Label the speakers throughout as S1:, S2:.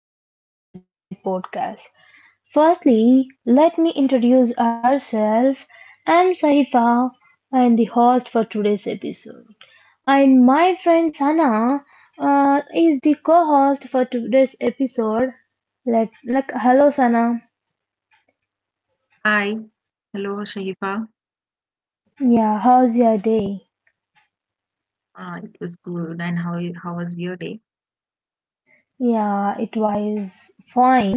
S1: welcome back to the podcast. Firstly, let me introduce ourselves. I'm Sahifa, I'm the host for today's episode. And my friend Sana is the co-host for today's episode. Like, hello Sana.
S2: Hi, hello Shahifa.
S1: Yeah, how's your day?
S2: It was good. And how was your day?
S1: Yeah, it was fine.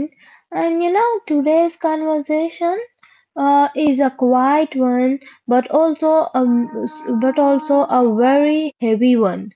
S1: And today's conversation is a quiet one, but also a, but also a very heavy one.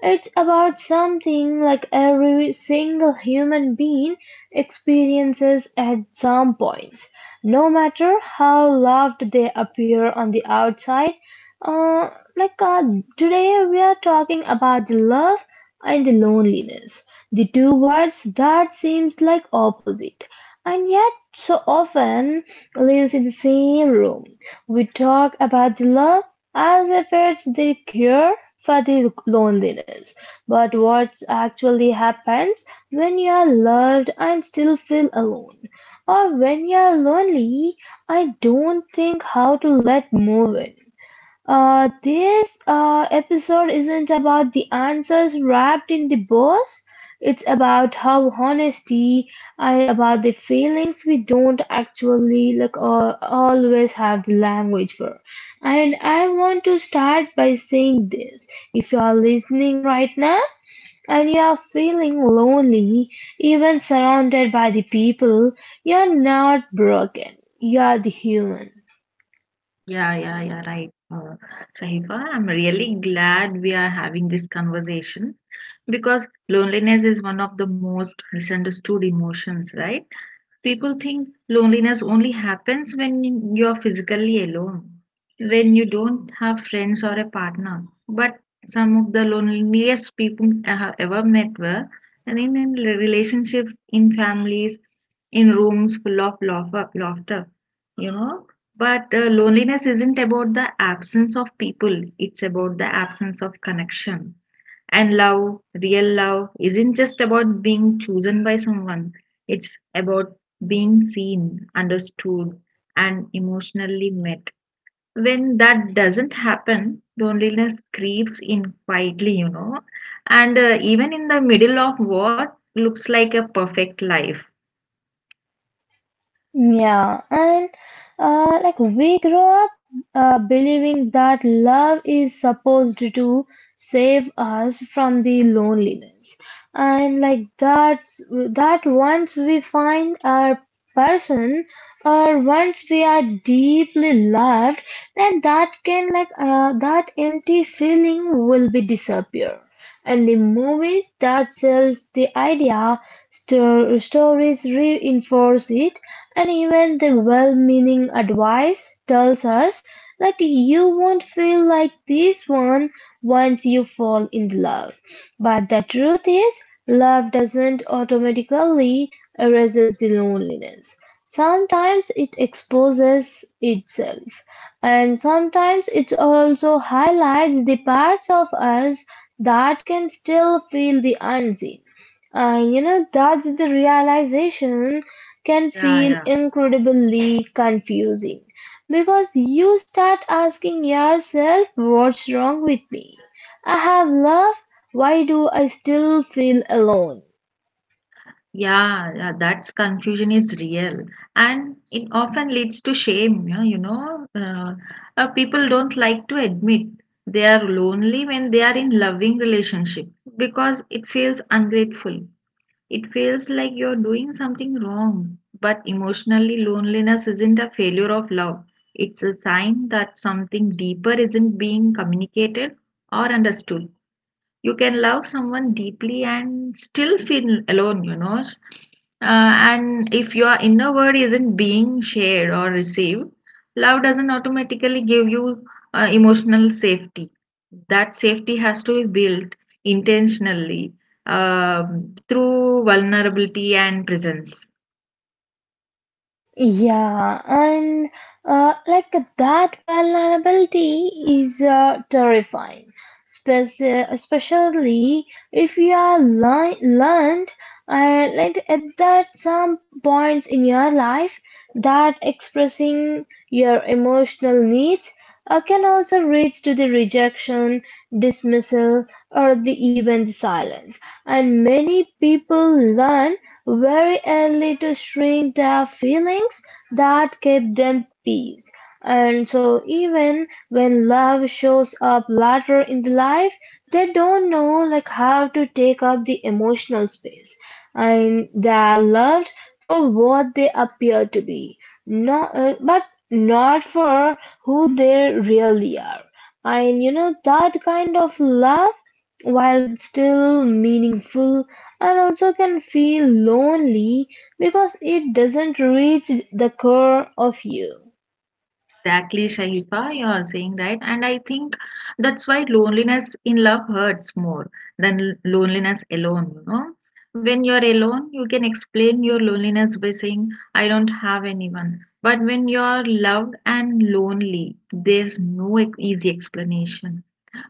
S1: It's about something like every single human being experiences at some points, no matter how loved they appear on the outside. Uh, like uh, today, we are talking about the love and the loneliness. The two words that seems like opposite, and yet so often lives in the same room. We talk about the love as if it's the cure for the loneliness. But what actually happens when you are loved and still feel alone? Or when you are lonely, I don't think how to let move it. This episode isn't about the answers wrapped in the bows. It's about how honesty and about the feelings we don't actually like or always have the language for. And I want to start by saying this: if you are listening right now and you are feeling lonely, even surrounded by the people, you are not broken. You are the human.
S2: Yeah, yeah, yeah, right. Shahifa, I'm really glad we are having this conversation because loneliness is one of the most misunderstood emotions, right? People think loneliness only happens when you're physically alone, when you don't have friends or a partner. But some of the loneliest people I have ever met were and in relationships, in families, in rooms full of laughter, you know. But loneliness isn't about the absence of people, it's about the absence of connection. And love, real love, isn't just about being chosen by someone, it's about being seen, understood, and emotionally met. When that doesn't happen, loneliness creeps in quietly, and even in the middle of what looks like a perfect life.
S1: And we grow up believing that love is supposed to save us from the loneliness, and that once we find our person or once we are deeply loved, then that can that empty feeling will be disappear. And the movies that sells the idea, stories reinforce it, and even the well-meaning advice tells us like you won't feel like this one once you fall in love. But the truth is, love doesn't automatically erases the loneliness. Sometimes it exposes itself, and sometimes it also highlights the parts of us that can still feel the unseen. And that's the realization can
S2: Yeah,
S1: feel
S2: yeah.
S1: incredibly confusing because you start asking yourself, what's wrong with me? I have love, why do I still feel alone?
S2: Yeah, yeah, that's confusion is real, and it often leads to shame. Yeah, people don't like to admit they are lonely when they are in loving relationship because it feels ungrateful. It feels like you're doing something wrong. But emotionally, loneliness isn't a failure of love. It's a sign that something deeper isn't being communicated or understood. You can love someone deeply and still feel alone. And if your inner world isn't being shared or received, love doesn't automatically give you emotional safety. That safety has to be built intentionally, through vulnerability and presence.
S1: And that vulnerability is terrifying, especially if you are learned like at that some points in your life that expressing your emotional needs can also reach to the rejection dismissal, or the even the silence, and many people learn very early to shrink their feelings that keep them peace. And so, even when love shows up later in the life, they don't know like how to take up the emotional space, and they are loved for what they appear to be, not but not for who they really are. And that kind of love, while still meaningful and also can feel lonely because it doesn't reach the core of you.
S2: Exactly, Shaifa, you're saying right. And I think that's why loneliness in love hurts more than loneliness alone, When you're alone, you can explain your loneliness by saying, I don't have anyone. But when you're loved and lonely, there's no easy explanation.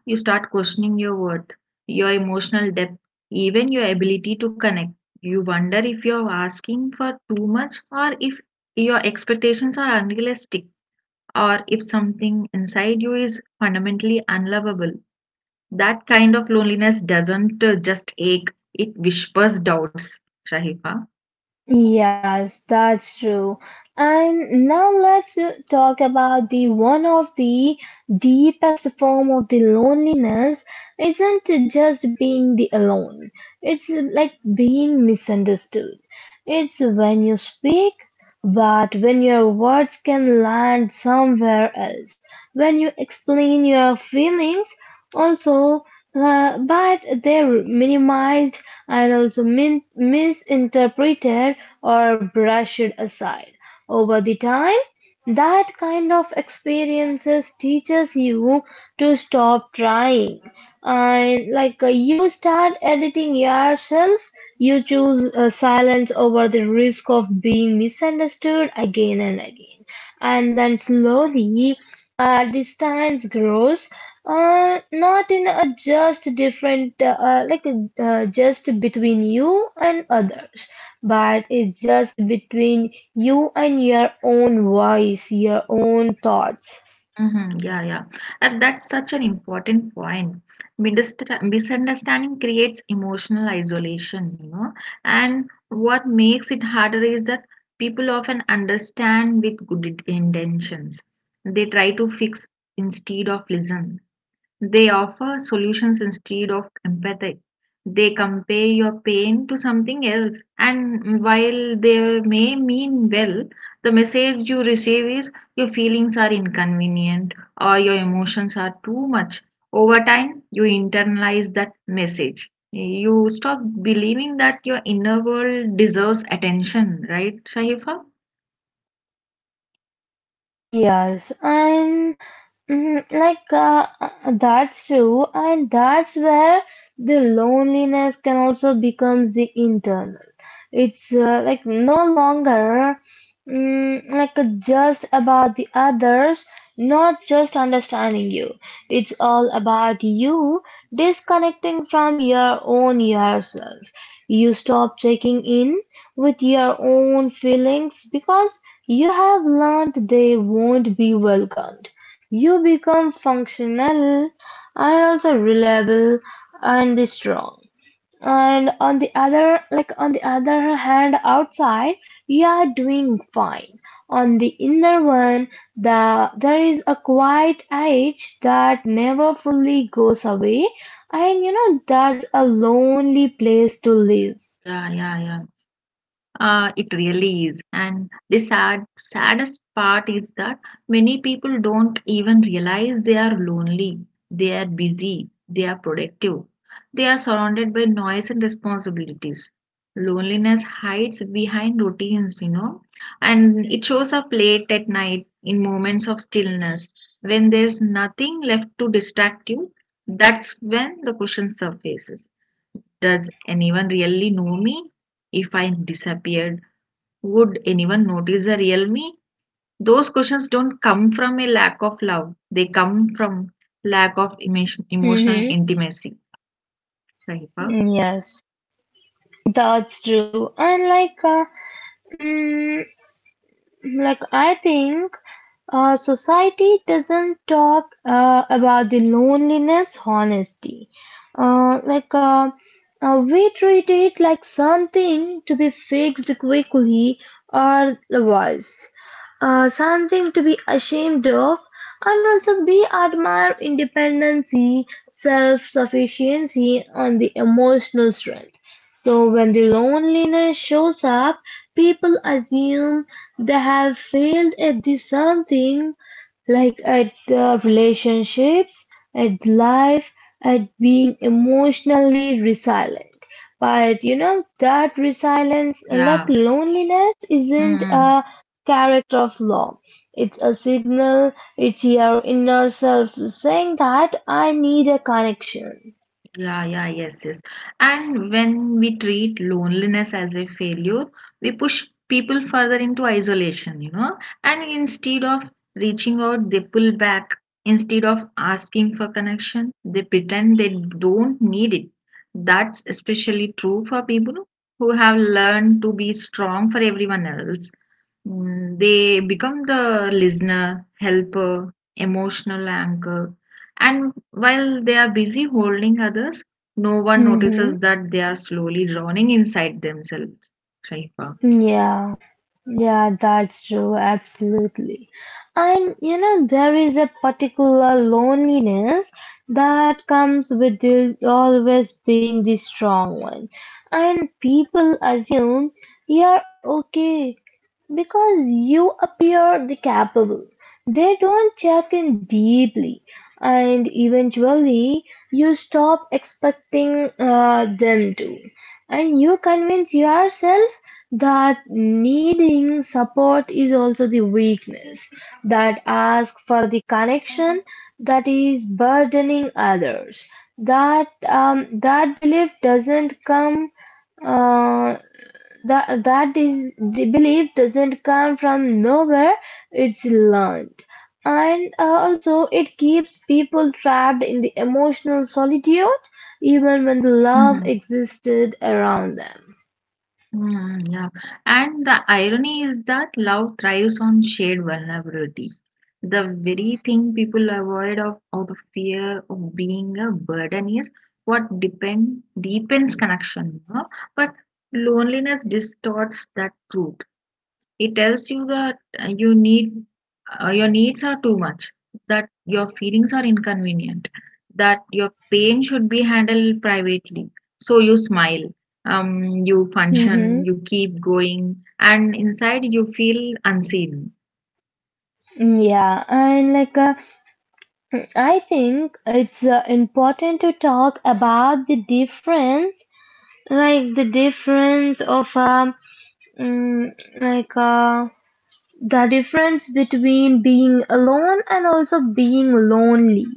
S2: You start questioning your worth, your emotional depth, even your ability to connect. You wonder if you're asking for too much, or if your expectations are unrealistic, or if something inside you is fundamentally unlovable. That kind of loneliness doesn't just ache, it whispers doubts, Shahifa.
S1: Yes, that's true. And now let's talk about the one of the deepest form of the loneliness isn't just being the alone. It's like being misunderstood. It's when you speak but when your words can land somewhere else, when you explain your feelings, also, but they're minimized and also misinterpreted or brushed aside. Over the time, that kind of experiences teaches you to stop trying and you start editing yourself, you choose silence over the risk of being misunderstood again and again. And then slowly, distance grows, not in a just different, like just between you and others, but it's just between you and your own voice, your own thoughts.
S2: Hmm, yeah, yeah. And that's such an important point. Misunderstanding creates emotional isolation, And what makes it harder is that people often understand with good intentions. They try to fix instead of listen. They offer solutions instead of empathy. They compare your pain to something else, and while they may mean well, the message you receive is your feelings are inconvenient or your emotions are too much. Over time, you internalize that message. You stop believing that your inner world deserves attention, right, Shaifa?
S1: Yes, and that's true, and that's where the loneliness can also becomes the internal. It's no longer just about the others, not just understanding you. It's all about you disconnecting from your own yourself. You stop checking in with your own feelings because you have learned they won't be welcomed. You become functional and also reliable and strong and on the other hand outside you are doing fine on the inner one there is a quiet age that never fully goes away. And you know that's a lonely place to live.
S2: Yeah, yeah, yeah. It really is. And the saddest part is that many people don't even realize they are lonely, they are busy, they are productive, they are surrounded by noise and responsibilities. Loneliness hides behind routines, and it shows up late at night in moments of stillness when there's nothing left to distract you. That's when the question surfaces. Does anyone really know me? If I disappeared, would anyone notice the real me? Those questions don't come from a lack of love. They come from lack of emotional
S1: Mm-hmm.
S2: intimacy. Right? Huh?
S1: Yes, that's true. And like uh, mm, like I think society doesn't talk about the loneliness honestly. Uh, like uh, we treat it like something to be fixed quickly or otherwise, something to be ashamed of, and also we admire independency, self sufficiency, and the emotional strength. So when the loneliness shows up, people assume they have failed at the something, like at the relationships, at life, at being emotionally resilient. But you know that resilience, that
S2: Yeah.
S1: loneliness isn't
S2: Mm.
S1: a character flaw. It's a signal. It's your inner self saying that I need a connection.
S2: Yeah, yeah, yes, yes. And when we treat loneliness as a failure, we push people further into isolation. And instead of reaching out, they pull back. Instead of asking for connection, they pretend they don't need it. That's especially true for people who have learned to be strong for everyone else. Mm. They become the listener, helper, emotional anchor, and while they are busy holding others, no one
S1: Hmm.
S2: notices that they are slowly drowning inside themselves. Shaifa.
S1: Yeah. Yeah, that's true, absolutely. And you know, there is a particular loneliness that comes with the, always being the strong one. And people assume you're okay because you appear the capable. They don't check in deeply, and eventually you stop expecting them to. And you convince yourself that needing support is also the weakness, that ask for the connection that is burdening others. That um, that belief doesn't come uh, that that is the belief doesn't come from nowhere. It's learned, and also it keeps people trapped in the emotional solitude, even when the love
S2: Mhm.
S1: existed around them.
S2: Mhm, yeah. And the irony is that love thrives on shared vulnerability. The very thing people avoid of out of fear of being a burden is what depend deepens connection. But loneliness distorts that truth. It tells you that your needs are too much, that your feelings are inconvenient, that your pain should be handled privately. So you smile, you
S1: Hmm.
S2: function, you keep going, and inside you feel unseen.
S1: Yeah, and like I think it's important to talk about the difference, like the difference of mm, like the difference between being alone and also being lonely.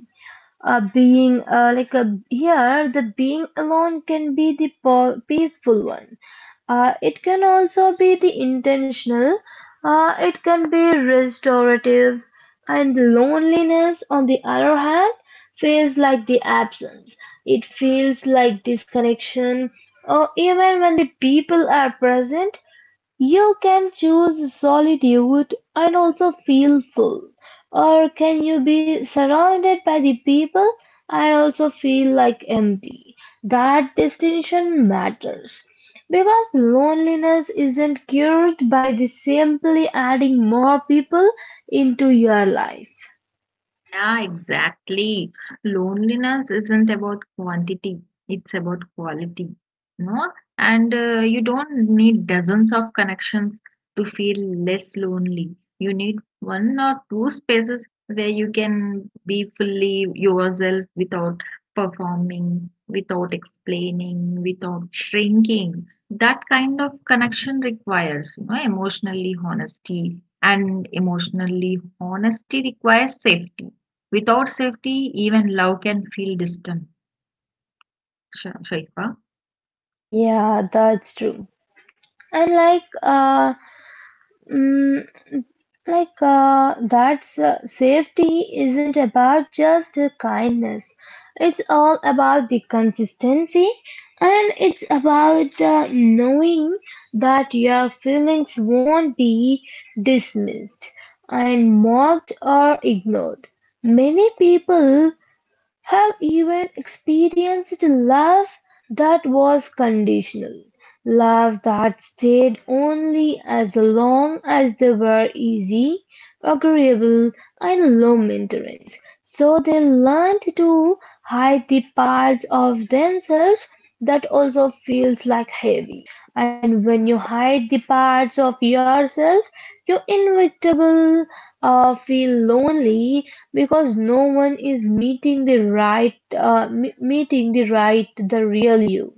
S1: Being like a, here, the Being alone can be the peaceful one. It can also be the intentional. It can be restorative. And the loneliness, on the other hand, feels like the absence. It feels like disconnection. Or even when the people are present, you can choose solitude and also feel full, or can you be surrounded by the people and also feel like empty? That distinction matters because loneliness isn't cured by the simply adding more people into your life.
S2: Yeah, exactly. Loneliness isn't about quantity, it's about quality, no? And you don't need dozens of connections to feel less lonely. You need one or two spaces where you can be fully yourself without performing, without explaining, without shrinking. That kind of connection requires, you know, emotionally honesty, and emotionally honesty requires safety. Without safety, even love can feel distant. Shaikha.
S1: Yeah, that's true. And Mm, that's safety isn't about just kindness, it's all about the consistency, and it's about knowing that your feelings won't be dismissed and mocked or ignored. Many people have even experienced love that was conditional, love that stayed only as long as they were easy, agreeable, and low maintenance. So they learned to hide the parts of themselves that also feels like heavy. And when you hide the parts of yourself, you inevitably feel lonely because no one is meeting the right, meeting the right, the real you.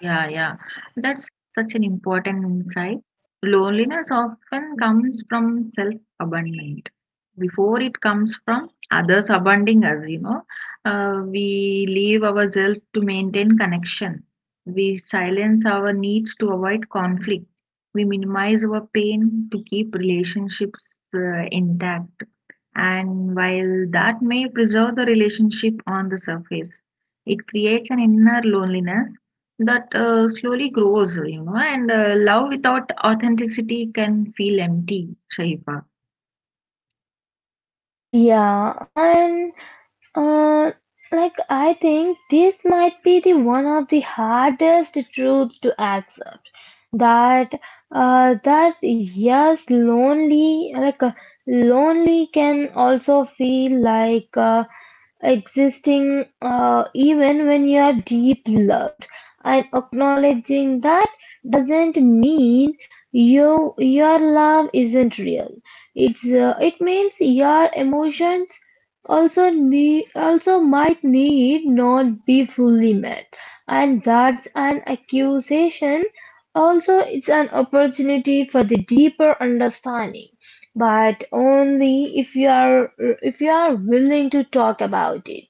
S2: Yeah, yeah. That's such an important insight. Loneliness often comes from self-abandonment before it comes from others abandoning us, We leave ourselves to maintain connection. We silence our needs to avoid conflict. We minimize our pain to keep relationships intact. And while that may preserve the relationship on the surface, it creates an inner loneliness that slowly grows, and love without authenticity can feel empty, Shaifa.
S1: Yeah, and uh, I think this might be the one of the hardest truth to accept that that yes lonely lonely can also feel like existing even when you are deep loved, and acknowledging that doesn't mean you your love isn't real, it means your emotions also need also might need not be fully met, and that's an accusation, also it's an opportunity for the deeper understanding, but only if you are willing to talk about it.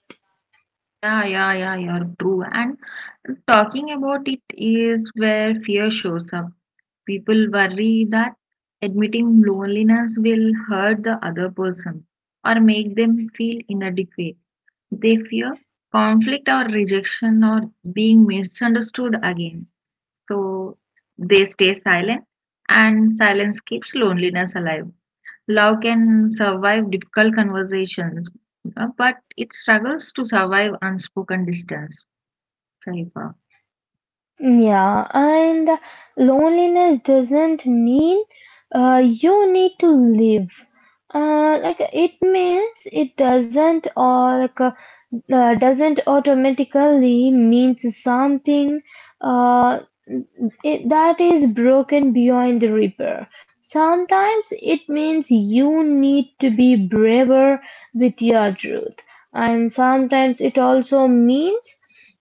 S2: Yeah, yeah, yeah, you're true. And talking about it is where fear shows up. People worry that admitting loneliness will hurt the other person or make them feel inadequate. They fear conflict or rejection or being misunderstood again. So they stay silent, and silence keeps loneliness alive. Love can survive difficult conversations, but it struggles to survive unspoken distance. Right.
S1: Yeah, and loneliness doesn't mean you need to live. Like it means it doesn't or like doesn't automatically means something. Uh, It that is broken beyond the repair. Sometimes it means you need to be braver with your truth, and sometimes it also means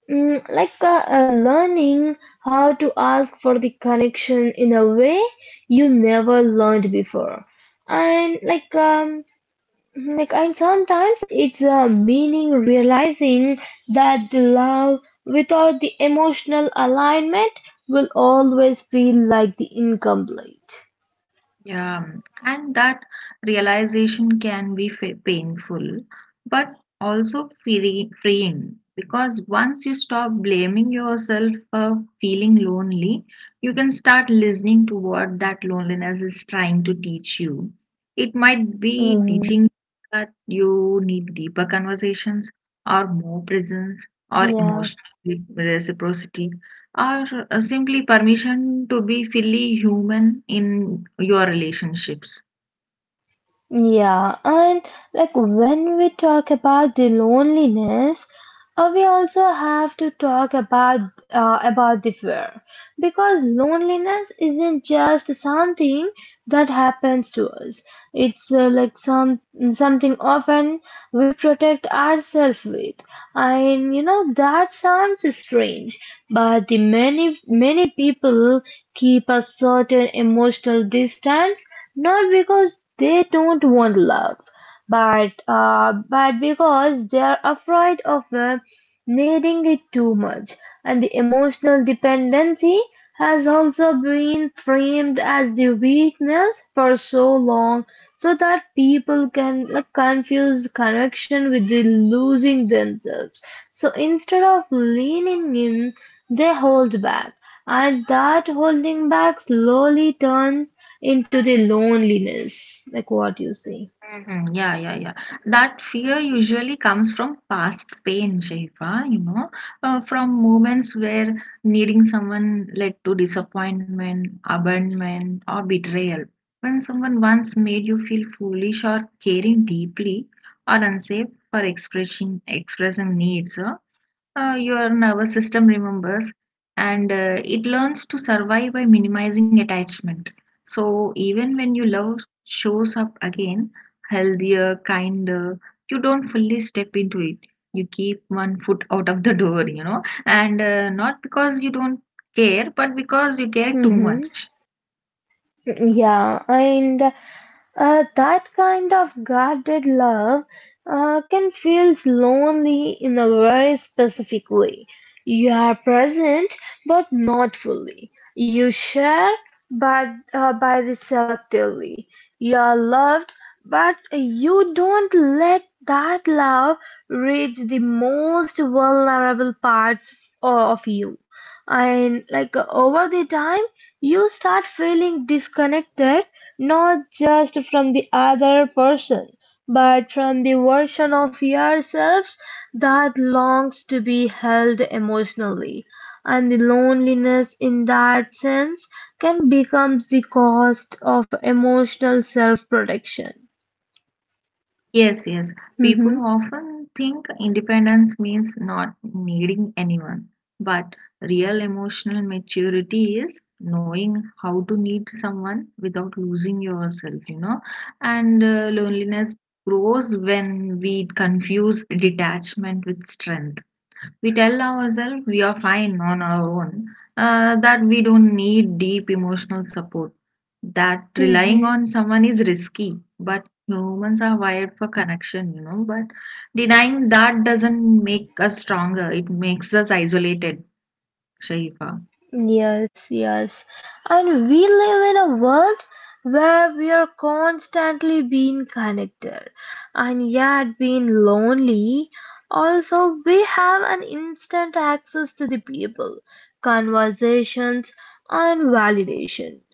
S1: learning how to ask for the connection in a way you never learned before, and and sometimes it's a meaning realizing that the love without the emotional alignment will always feel like the incomplete.
S2: Yeah, and that realization can be fa painful, but also freeing, because once you stop blaming yourself for feeling lonely, you can start listening to what that loneliness is trying to teach you. It might be
S1: Mm,
S2: teaching that you need deeper conversations or more presence or
S1: yeah.
S2: emotional reciprocity, or simply permission to be fully human in your relationships.
S1: And when we talk about the loneliness, we also have to talk about the fear because loneliness isn't just something that happens to us. It's something often we protect ourselves with. And you know that sounds strange, but the many people keep a certain emotional distance not because they don't want love, but because they are afraid of needing it too much. And the emotional dependency has also been framed as the weakness for so long, so that people can like, confuse connection with the losing themselves. So instead of leaning in they hold back, and that holding back slowly turns into the loneliness like what you say.
S2: Mhm. Yeah, yeah, yeah. That fear usually comes from past pain, Shaifa, from moments where needing someone led to disappointment, abandonment, or betrayal. When someone once made you feel foolish or caring deeply or unsafe for expressing needs, your nervous system remembers, and it learns to survive by minimizing attachment. So, even when you love shows up again, healthier, kinder, you don't fully step into it. You keep one foot out of the door, and not because you don't care, but because you care too
S1: Mm-hmm.
S2: much.
S1: Yeah, and that kind of guarded love can feel lonely in a very specific way. You are present but not fully. You share but by the selectively. You are loved but you don't let that love reach the most vulnerable parts of you. And like over the time, you start feeling disconnected not just from the other person, but from the version of yourselves that longs to be held emotionally. And the loneliness in that sense can become the cost of emotional self protection.
S2: Yes, yes. People
S1: Mm-hmm.
S2: often think independence means not needing anyone, but real emotional maturity is knowing how to need someone without losing yourself, And loneliness grows when we confuse detachment with strength. We tell ourselves we are fine on our own, that we don't need deep emotional support, that relying
S1: Mm-hmm.
S2: on someone is risky, but humans are wired for connection, But denying that doesn't make us stronger, it makes us isolated, Shaifa.
S1: Yes, yes. And we live in a world where we are constantly being connected and yet being lonely. Also, we have an instant access to the people, conversations, and validation.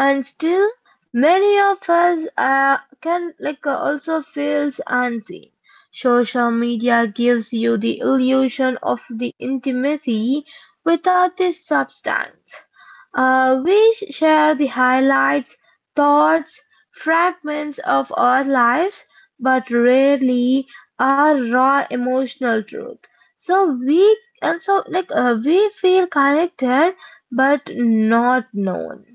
S1: And still, many of us can also feels unseen. Social media gives you the illusion of the intimacy without this substance. We share the highlights, thoughts, fragments of our lives, but rarely our raw emotional truth. So we and so like we feel connected but not known.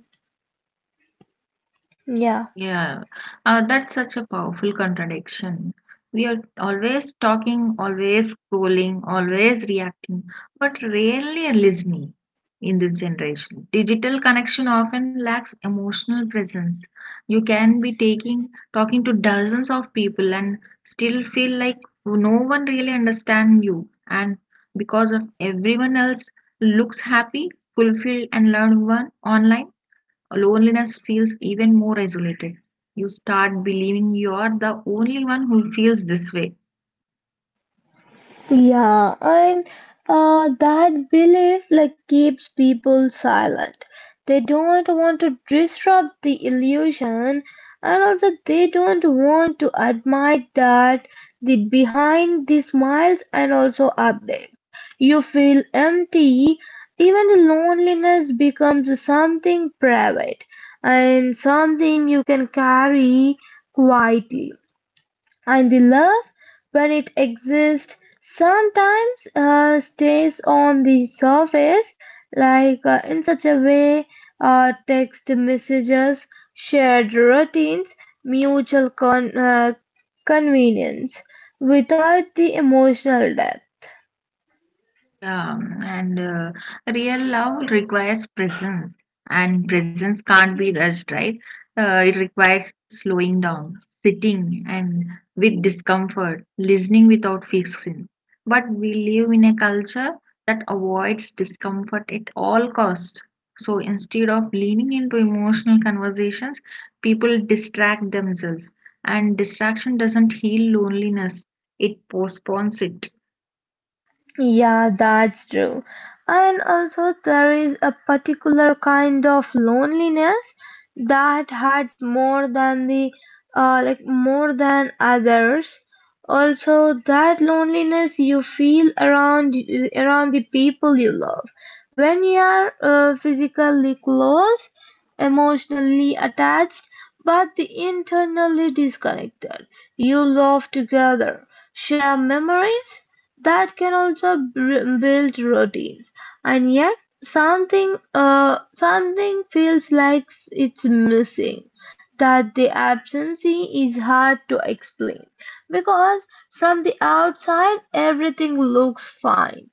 S1: Yeah.
S2: Yeah, that's such a powerful contradiction. We are always talking, always scrolling, always reacting, but rarely listening in this generation. Digital connection often lacks emotional presence. You can be taking talking to dozens of people and still feel like no one really understands you. And because of everyone else looks happy, fulfilled, and learned one online, loneliness feels even more isolated. You start believing you're the only one who feels this way.
S1: Yeah, and that belief like keeps people silent. They don't want to disrupt the illusion, and also they don't want to admit that the behind the smiles and also updates. You feel empty, even the loneliness becomes something private and something you can carry quietly. And the love, when it exists, sometimes stays on the surface, in such a way text messages, shared routines, mutual con- uh, convenience, without the emotional depth.
S2: And Real love requires presence, and presence can't be rushed, right? It requires slowing down, sitting, and with discomfort, listening without fixing. But we live in a culture that avoids discomfort at all costs. So instead of leaning into emotional conversations, people distract themselves, and distraction doesn't heal loneliness, it postpones it.
S1: Yeah, that's true. And also, there is a particular kind of loneliness that hurts more than the like more than others. Also, that loneliness you feel around around the people you love. When you are physically close, emotionally attached, but internally disconnected, you love together, share memories that can build routines, and yet something feels like it's missing, that the absence is hard to explain because from the outside everything looks fine,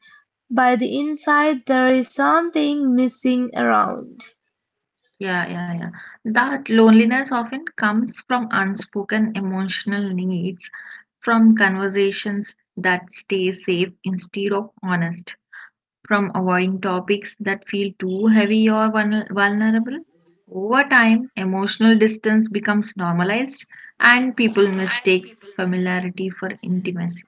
S1: by the inside there is something missing around.
S2: Yeah, yeah, yeah. That loneliness often comes from unspoken emotional needs, from conversations that stay safe instead of honest, from avoiding topics that feel too heavy or vulnerable. Over time, emotional distance becomes normalized and people mistake familiarity for intimacy.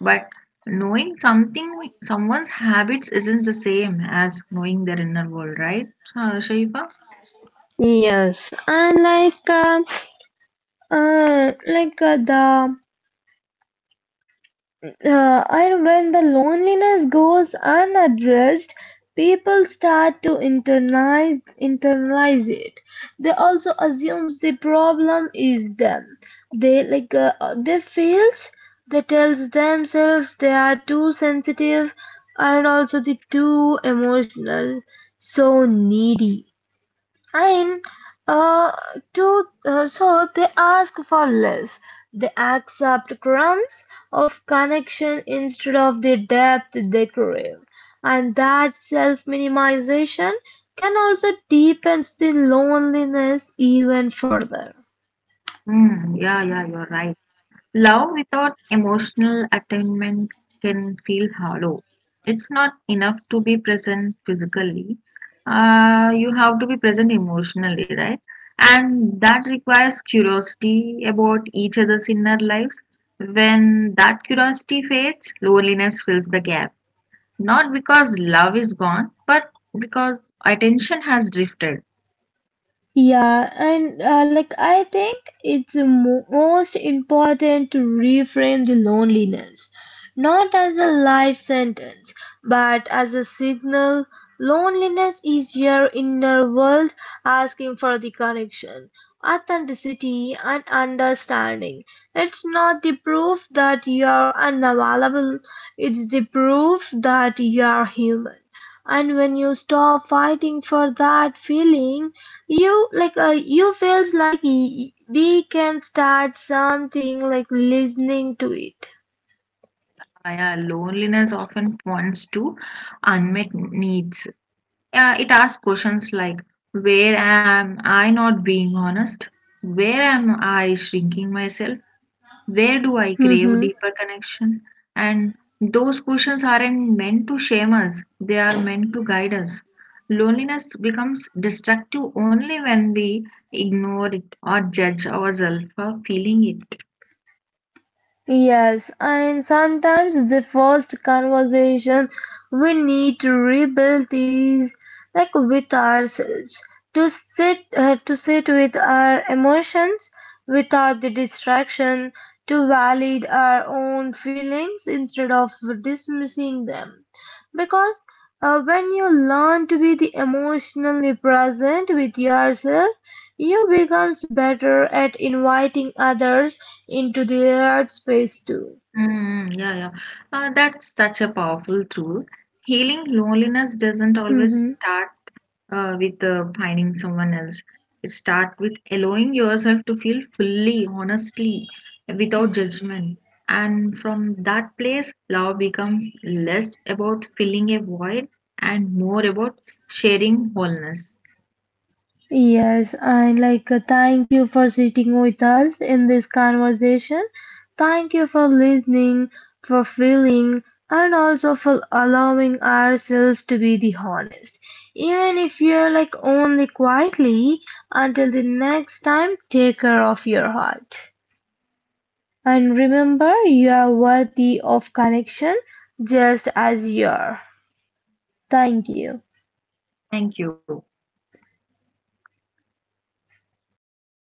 S2: But knowing something, someone's habits isn't the same as knowing their inner world, right, Shaifa?
S1: Yes, and like the and when the loneliness goes unaddressed, people start to internalize it. They also assume the problem is them. They they feels, they tells themselves they are too sensitive and also the too emotional, so needy. And uh, to So they ask for less. They accept crumbs of connection instead of the depth they crave. And that self-minimization can also deepens the loneliness even further.
S2: Mm, yeah, yeah, you're right. Love without emotional attainment can feel hollow. It's not enough to be present physically. You have to be present emotionally, right? And that requires curiosity about each other's inner lives. When that curiosity fades, loneliness fills the gap. Not because love is gone, but because attention has drifted.
S1: Yeah, and like I think it's most important to reframe the loneliness, not as a life sentence, but as a signal. Loneliness is your inner world asking for the connection, authenticity, and understanding. It's not the proof that you're unavailable, it's the proof that you're human, and when you stop fighting for that feeling you you feels like we can start something like listening to it.
S2: Yeah, loneliness often points to unmet needs. It asks questions like, Where am I not being honest? Where am I shrinking myself? Where do I crave
S1: Mm-hmm.
S2: deeper connection? And those questions aren't meant to shame us, they are meant to guide us. Loneliness becomes destructive only when we ignore it or judge ourselves for feeling it.
S1: Yes, and sometimes the first conversation we need to rebuild is like with ourselves, to sit with our emotions without the distraction, to validate our own feelings instead of dismissing them, because when you learn to be the emotionally present with yourself you become better at inviting others into their space too.
S2: Mm, yeah, yeah. That's such a powerful tool. Healing loneliness doesn't always
S1: Mm-hmm.
S2: start with finding someone else. It start with allowing yourself to feel fully, honestly, without judgment. And from that place, love becomes less about filling a void and more about sharing wholeness.
S1: Yes, and thank you for sitting with us in this conversation. Thank you for listening, for feeling, and also for allowing ourselves to be the honest. Even if you're like only quietly, until the next time, take care of your heart. And remember, you are worthy of connection just as you are. Thank you.
S2: Thank you.